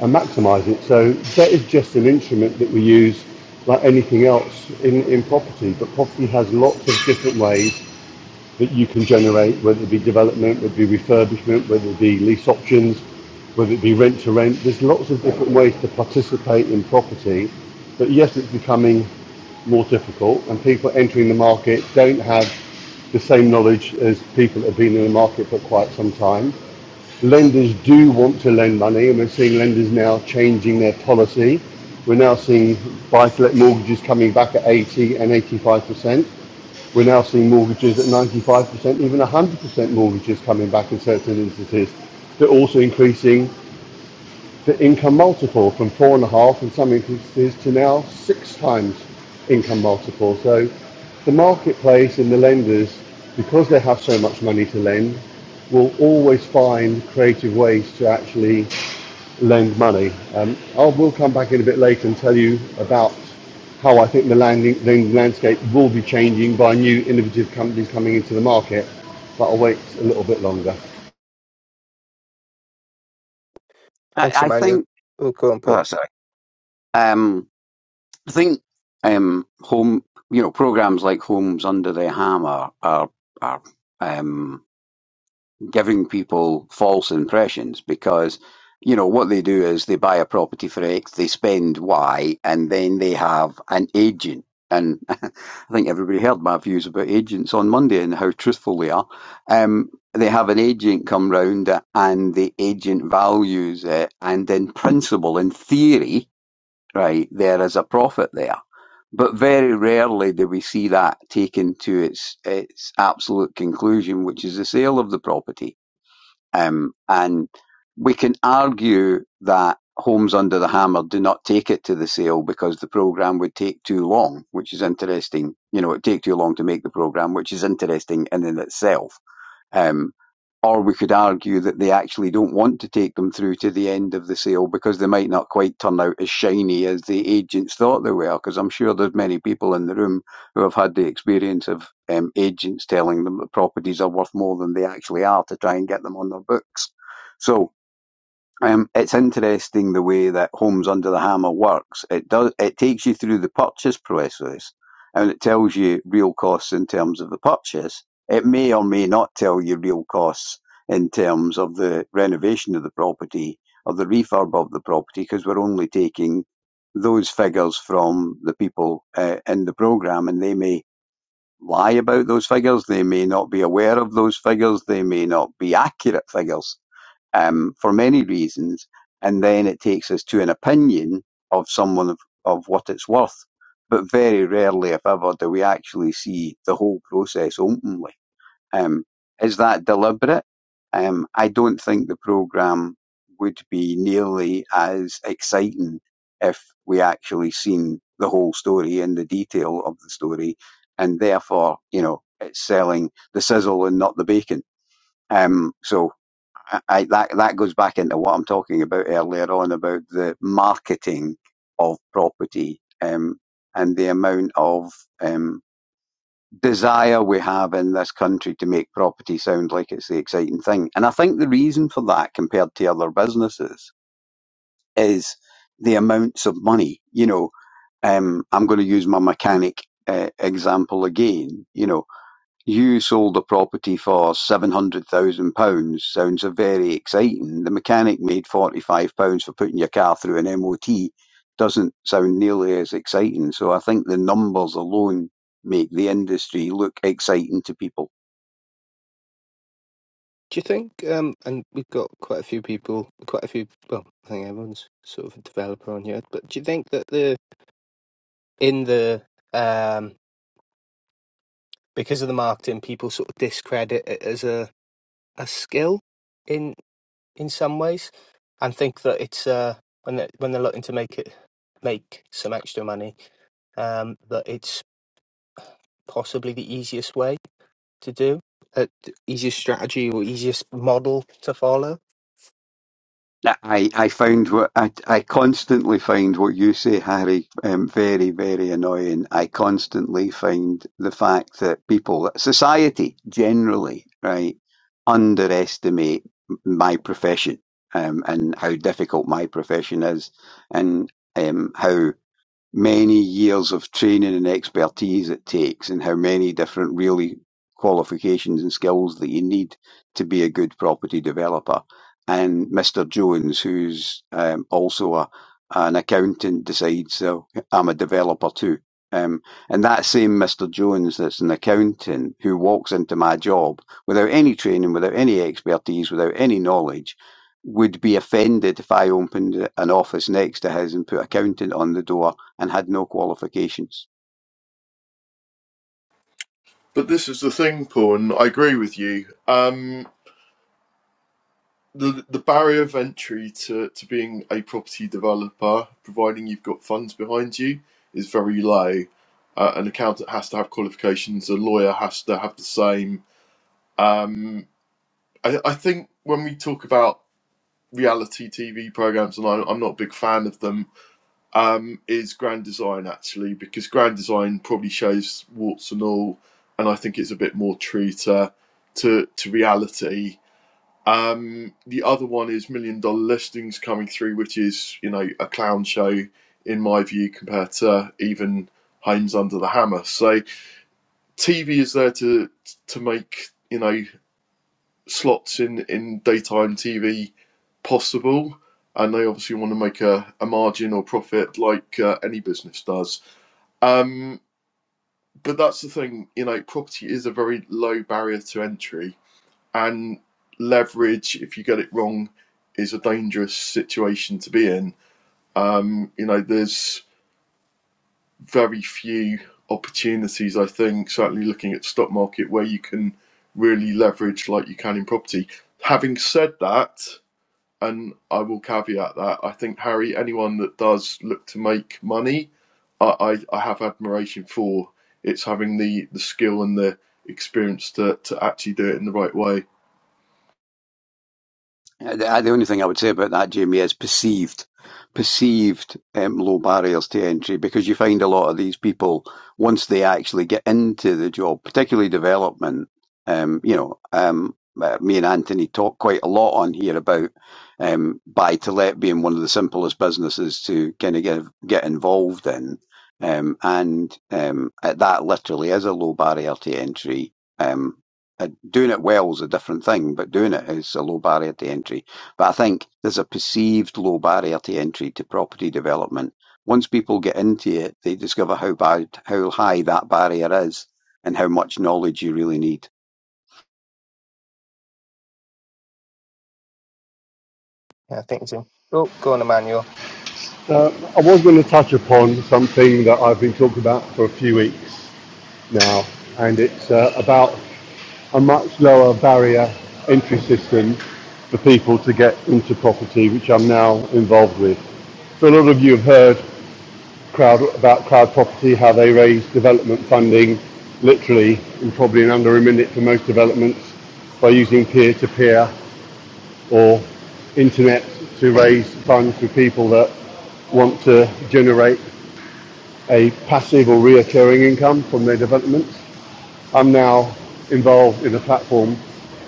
F: and maximise it. So debt is just an instrument that we use like anything else in, in property, but property has lots of different ways that you can generate, whether it be development, whether it be refurbishment, whether it be lease options, whether it be rent to rent. There's lots of different ways to participate in property, but yes, it's becoming more difficult, and people entering the market don't have the same knowledge as people that have been in the market for quite some time. Lenders do want to lend money, and we're seeing lenders now changing their policy. We're now seeing buy-to-let mortgages coming back at 80 and 85%. We're now seeing mortgages at 95%, even 100% mortgages coming back in certain instances. They're also increasing the income multiple from four and a half in some instances to now six times income multiple. So the marketplace and the lenders, because they have so much money to lend, will always find creative ways to actually lend money. Um, I will come back in a bit later and tell you about how I think the lending the landscape will be changing by new innovative companies coming into the market, but I'll wait a little bit longer.
H: I,
A: Thanks,
H: I
A: Emmanuel.
H: think
A: We'll go on, Paul.
H: Oh, sorry. Um, I think um, home, you know, programs like Homes Under the Hammer are are um, giving people false impressions because, you know, what they do is they buy a property for X, they spend Y, and then they have an agent. And I think everybody heard my views about agents on Monday and how truthful they are. Um, they have an agent come round, and the agent values it, and in principle, in theory right? There is a profit there. But very rarely do we see that taken to its its absolute conclusion, which is the sale of the property. Um, and we can argue that Homes Under the Hammer do not take it to the sale because the program would take too long, which is interesting. You know, it would take too long to make the program, which is interesting in and in itself um, or we could argue that they actually don't want to take them through to the end of the sale because they might not quite turn out as shiny as the agents thought they were. Because I'm sure there's many people in the room who have had the experience of um, agents telling them that properties are worth more than they actually are to try and get them on their books. So um, it's interesting the way that Homes Under the Hammer works. It does. It takes you through the purchase process, and it tells you real costs in terms of the purchase. It may or may not tell you real costs in terms of the renovation of the property or the refurb of the property, because we're only taking those figures from the people uh, in the program, and they may lie about those figures. They may not be aware of those figures. They may not be accurate figures um, for many reasons, and then it takes us to an opinion of someone of, of what it's worth. But very rarely, if ever, do we actually see the whole process openly. Um, is that deliberate? Um, I don't think the programme would be nearly as exciting if we actually seen the whole story and the detail of the story, and therefore, you know, it's selling the sizzle and not the bacon. Um, so I, I, that that goes back into what I'm talking about earlier on about the marketing of property um, and the amount of um, desire we have in this country to make property sound like it's the exciting thing. And I think the reason for that, compared to other businesses, is the amounts of money. You know, um, I'm going to use my mechanic uh, example again. You know, you sold the property for seven hundred thousand pounds. Sounds a very exciting. The mechanic made forty five pounds for putting your car through an MOT. Doesn't sound nearly as exciting. So I think the numbers alone make the industry look exciting to people.
A: Do you think, um, and we've got quite a few people, quite a few, well, I think everyone's sort of a developer on here, but do you think that the, in the, um, because of the marketing, people sort of discredit it as a, a skill in, in some ways and think that it's, uh, when they're, when they're looking to make it, make some extra money, um, that it's possibly the easiest way to do, uh, the easiest strategy or easiest model to follow.
H: I, I find what I, I constantly find what you say, Harry, um, very, very annoying. I constantly find the fact that people, that society generally, right, underestimate my profession um, and how difficult my profession is, and um, how many years of training and expertise it takes and how many different really qualifications and skills that you need to be a good property developer. And Mr. Jones, who's um, also a, an accountant, decides, so I'm a developer too. Um, and that same Mr. Jones, that's an accountant, who walks into my job without any training, without any expertise, without any knowledge, would be offended if I opened an office next to his and put accountant on the door and had no qualifications.
G: But this is the thing, Paul, and I agree with you. Um, the the barrier of entry to, to being a property developer, providing you've got funds behind you, is very low. Uh, an accountant has to have qualifications. A lawyer has to have the same. I, I think when we talk about reality TV programs, and I, I'm not a big fan of them, um, is Grand Design actually because Grand Design probably shows warts and all, and I think it's a bit more true to to, to reality Um, the other one is Million Dollar Listings coming through, which is you know a clown show in my view compared to even Homes Under the Hammer. So TV is there to to make you know slots in in daytime TV possible, and they obviously want to make a, a margin or profit like uh, any business does. Um, but that's the thing, you know, property is a very low barrier to entry and leverage if you get it wrong is a dangerous situation to be in um, you know there's very few opportunities i think certainly looking at the stock market where you can really leverage like you can in property having said that and i will caveat that i think harry anyone that does look to make money i, I, I have admiration for it's having the, the skill and the experience to, to actually do it in the right way
H: Uh, The only thing I would say about that, Jamie, is perceived, perceived um, low barriers to entry because you find a lot of these people once they actually get into the job, particularly development. Um, you know, um, uh, me and Anthony talk quite a lot on here about um, buy to let being one of the simplest businesses to kind of get get involved in, um, and um, uh, that literally is a low barrier to entry. Um, Uh, doing it well is a different thing, but doing it is a low barrier to entry. But I think there's a perceived low barrier to entry to property development. Once people get into it, they discover how bad, how high that barrier is, and how much knowledge you really need.
A: Yeah, I think so. Oh, go on, Emmanuel.
F: Uh, I was going to touch upon something that I've been talking about for a few weeks now, and it's uh, about a much lower barrier entry system for people to get into property, which I'm now involved with. So a lot of you have heard crowd about crowd property, how they raise development funding, literally in probably in under a minute for most developments, by using peer-to-peer or internet to raise funds for people that want to generate a passive or reoccurring income from their developments. I'm now involved in a platform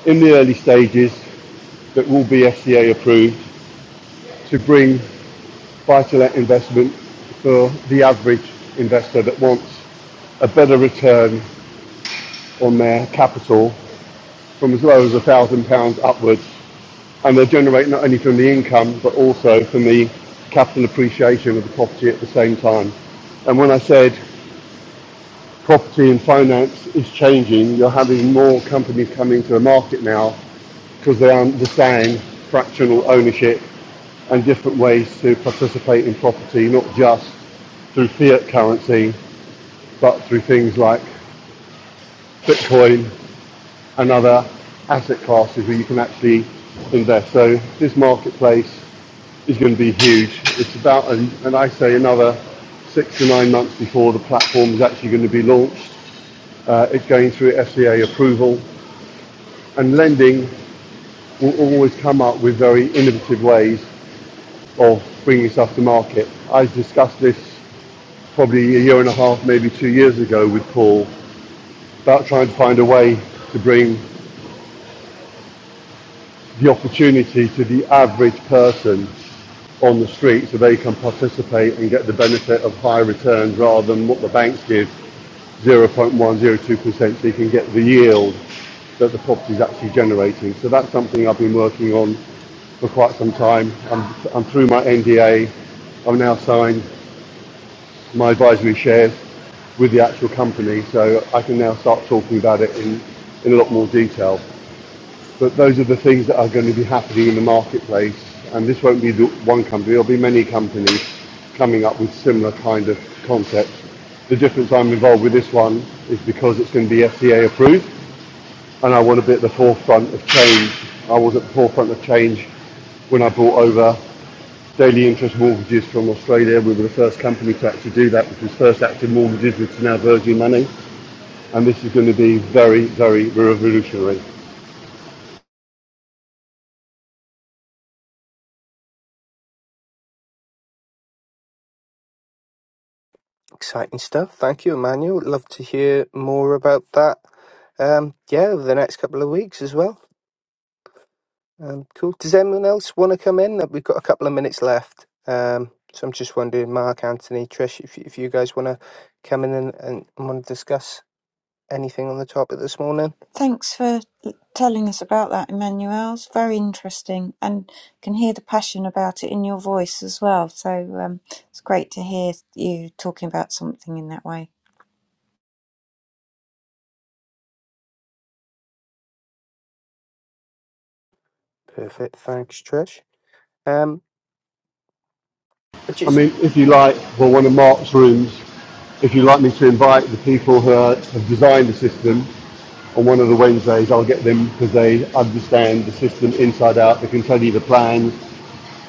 F: in the early stages that will be FCA approved to bring buy-to-let investment for the average investor that wants a better return on their capital from as low as £1,000 upwards. And they will generate not only from the income, but also from the capital appreciation of the property at the same time. And when I said property and finance is changing, you're having more companies coming to the market now because they understand fractional ownership and different ways to participate in property, not just through fiat currency, but through things like Bitcoin and other asset classes where you can actually invest. So this marketplace is going to be huge. It's about, an, and I say another six to nine months before the platform is actually going to be launched. Uh, it's going through FCA approval, and lending will always come up with very innovative ways of bringing stuff to market. I discussed this probably a year and a half, maybe two years ago with Paul about trying to find a way to bring the opportunity to the average person on the street so they can participate and get the benefit of high returns rather than what the banks give 0.102% so you can get the yield that the property is actually generating. So that's something I've been working on for quite some time. I'm, I'm through my NDA. I've now signed my advisory shares with the actual company so I can now start talking about it in, in a lot more detail. But those are the things that are going to be happening in the marketplace. And this won't be the one company, there'll be many companies coming up with similar kind of concepts. The difference I'm involved with this one is because it's going to be FCA approved and I want to be at the forefront of change. I was at the forefront of change when I brought over daily interest mortgages from Australia. We were the first company to actually do that, which was First Active Mortgages, which is now Virgin Money. And this is going to be very, very revolutionary.
A: Exciting stuff. Thank you, Emmanuel. Love to hear more about that. Um, yeah, over the next couple of weeks as well. Um, cool. Does anyone else want to come in? Uh, We've got a couple of minutes left. Um, so I'm just wondering, Mark, Anthony, Trish, if, if you guys want to come in and, and want to discuss anything on the topic this morning.
E: Thanks for telling us about that, Emmanuel. It's very interesting and can hear the passion about it in your voice as well. So um, it's great to hear you talking about something in that way.
A: Perfect. Thanks, Trish. Um. Just
F: I mean, if you like, for one of Mark's rooms, if you'd like me to invite the people who are, have designed the system on one of the Wednesdays, I'll get them because they understand the system inside out. They can tell you the plans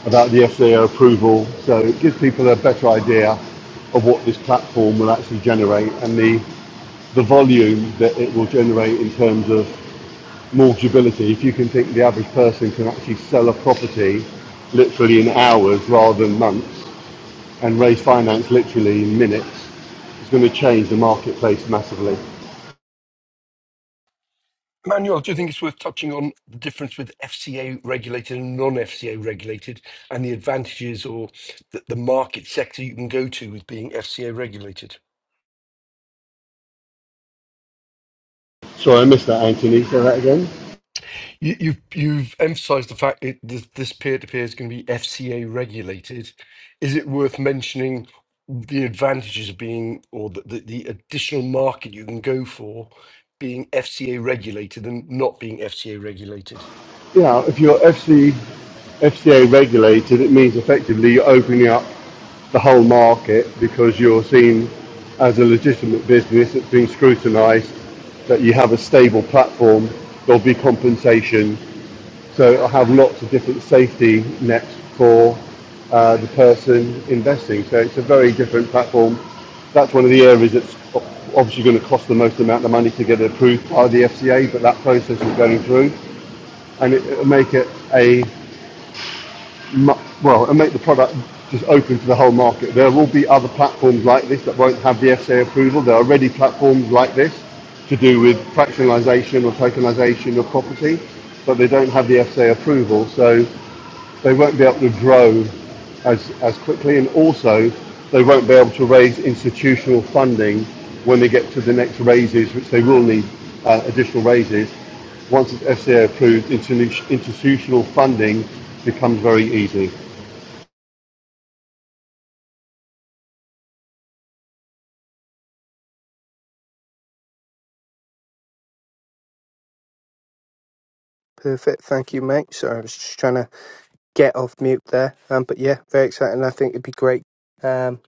F: about the SAO approval. So it gives people a better idea of what this platform will actually generate and the, the volume that it will generate in terms of mortgageability. If you can think the average person can actually sell a property literally in hours rather than months, and raise finance literally in minutes is going to change the marketplace massively.
B: Manuel, do you think it's worth touching on the difference with FCA regulated and non FCA regulated and the advantages or the, the market sector you can go to with being FCA regulated?
F: Sorry, I missed that, Anthony. Say that again.
B: You, you've emphasized the fact that this, this is going to be FCA regulated, is it worth mentioning the advantages of being, or the, the, the additional market you can go for being FCA regulated and not being FCA regulated?
F: Yeah, if you're FCA regulated, it means effectively you're opening up the whole market because you're seen as a legitimate business that's being scrutinised, that you have a stable platform, there'll be compensation, So I have lots of different safety nets for uh, the person investing. So it's a very different platform. That's one of the areas that's obviously going to cost the most amount of money to get it approved by the FCA, but that process is going through, and it, it'll make it a mu- well, and make the product just open to the whole market. There will be other platforms like this that won't have the FCA approval. There are already platforms like this to do with fractionalisation or tokenisation of property, but they don't have the FCA approval. So they won't be able to grow as, as quickly, and also they won't be able to raise institutional funding when they get to the next raises, which they will need uh, additional raises. Once it's FCA approved, institutional funding becomes very easy.
A: perfect. Thank you, mate. Sorry, I was just trying to get off mute there. Um, but yeah, very exciting. I think it'd be great um,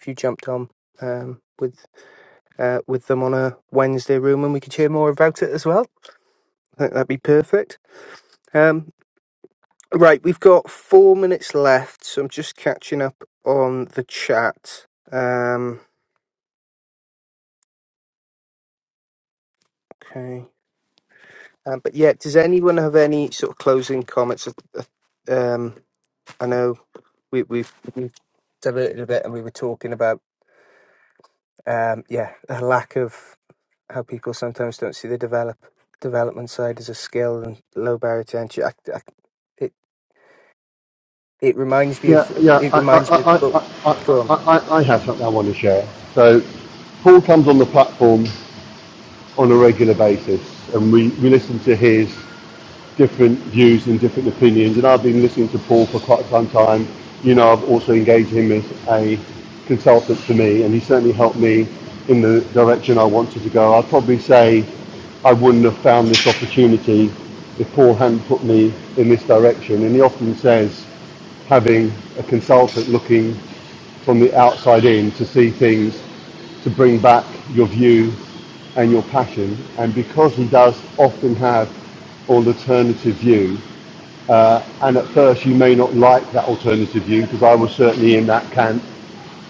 A: if you jumped on um, with uh, with them on a Wednesday room, and we could hear more about it as well. I think that'd be perfect. Um, right, we've got four minutes left, so I'm just catching up on the chat. Um, okay. Um, but yeah, does anyone have any sort of closing comments? Uh, Um, I know we, we've, we've diverted a bit, and we were talking about um, yeah, a lack of how people sometimes don't see the develop development side as a skill and low barrier to entry. I, I, it it reminds me
F: Yeah,
A: of
F: yeah,
A: it reminds
F: I,
A: me of
F: I,
A: book. Go on.
F: I, I, I, I have something I want to share. So Paul comes on the platform on a regular basis, and we, we listen to his different views and different opinions. And I've been listening to Paul for quite some time. You know, I've also engaged him as a consultant for me, and he certainly helped me in the direction I wanted to go. I'd probably say I wouldn't have found this opportunity if Paul hadn't put me in this direction. And he often says having a consultant looking from the outside in to see things, to bring back your view and your passion. And because he does often have an alternative view, uh, and at first you may not like that alternative view, because I was certainly in that camp,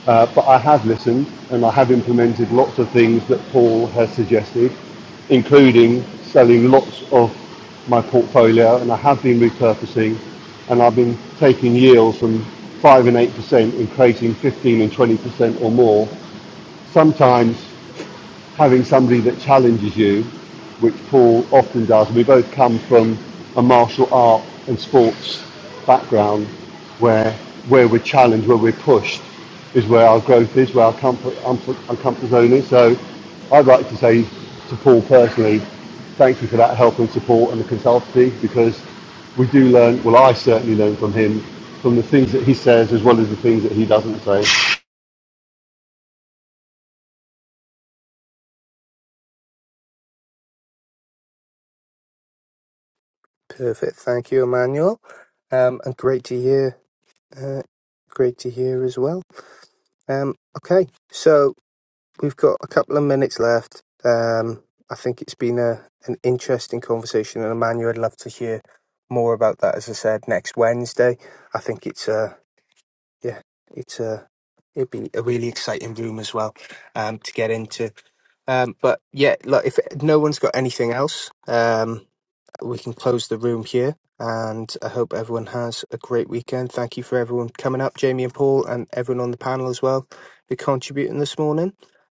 F: uh, but I have listened and I have implemented lots of things that Paul has suggested, including selling lots of my portfolio, and I have been repurposing, and I've been taking yields from five and eight percent and creating fifteen and twenty percent or more. Sometimes having somebody that challenges you, which Paul often does. We both come from a martial art and sports background where where we're challenged, where we're pushed, is where our growth is, where our comfort, comfort, our comfort zone is. So I'd like to say to Paul personally, thank you for that help and support and the consultancy because we do learn, well I certainly learn from him, from the things that he says as well as the things that he doesn't say.
A: Perfect. Thank you, Emmanuel. Um, and great to hear. Uh, great to hear as well. Um, okay, so we've got a couple of minutes left. Um, I think it's been a an interesting conversation, and Emmanuel, I'd love to hear more about that. As I said, next Wednesday. I think it's a yeah, it's a it'd be a really exciting room as well um, to get into. Um, but yeah, look, if no one's got anything else, um, we can close the room here. And I hope everyone has a great weekend. Thank you for everyone coming up, Jamie and Paul, and everyone on the panel as well who contributing this morning.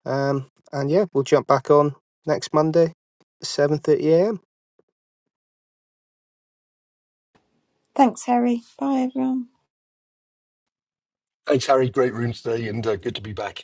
A: Um, and yeah, we'll jump back on next Monday, seven thirty a.m.
E: Thanks, Harry. Bye, everyone.
B: Thanks, Harry. Great room today, and uh, good to be back.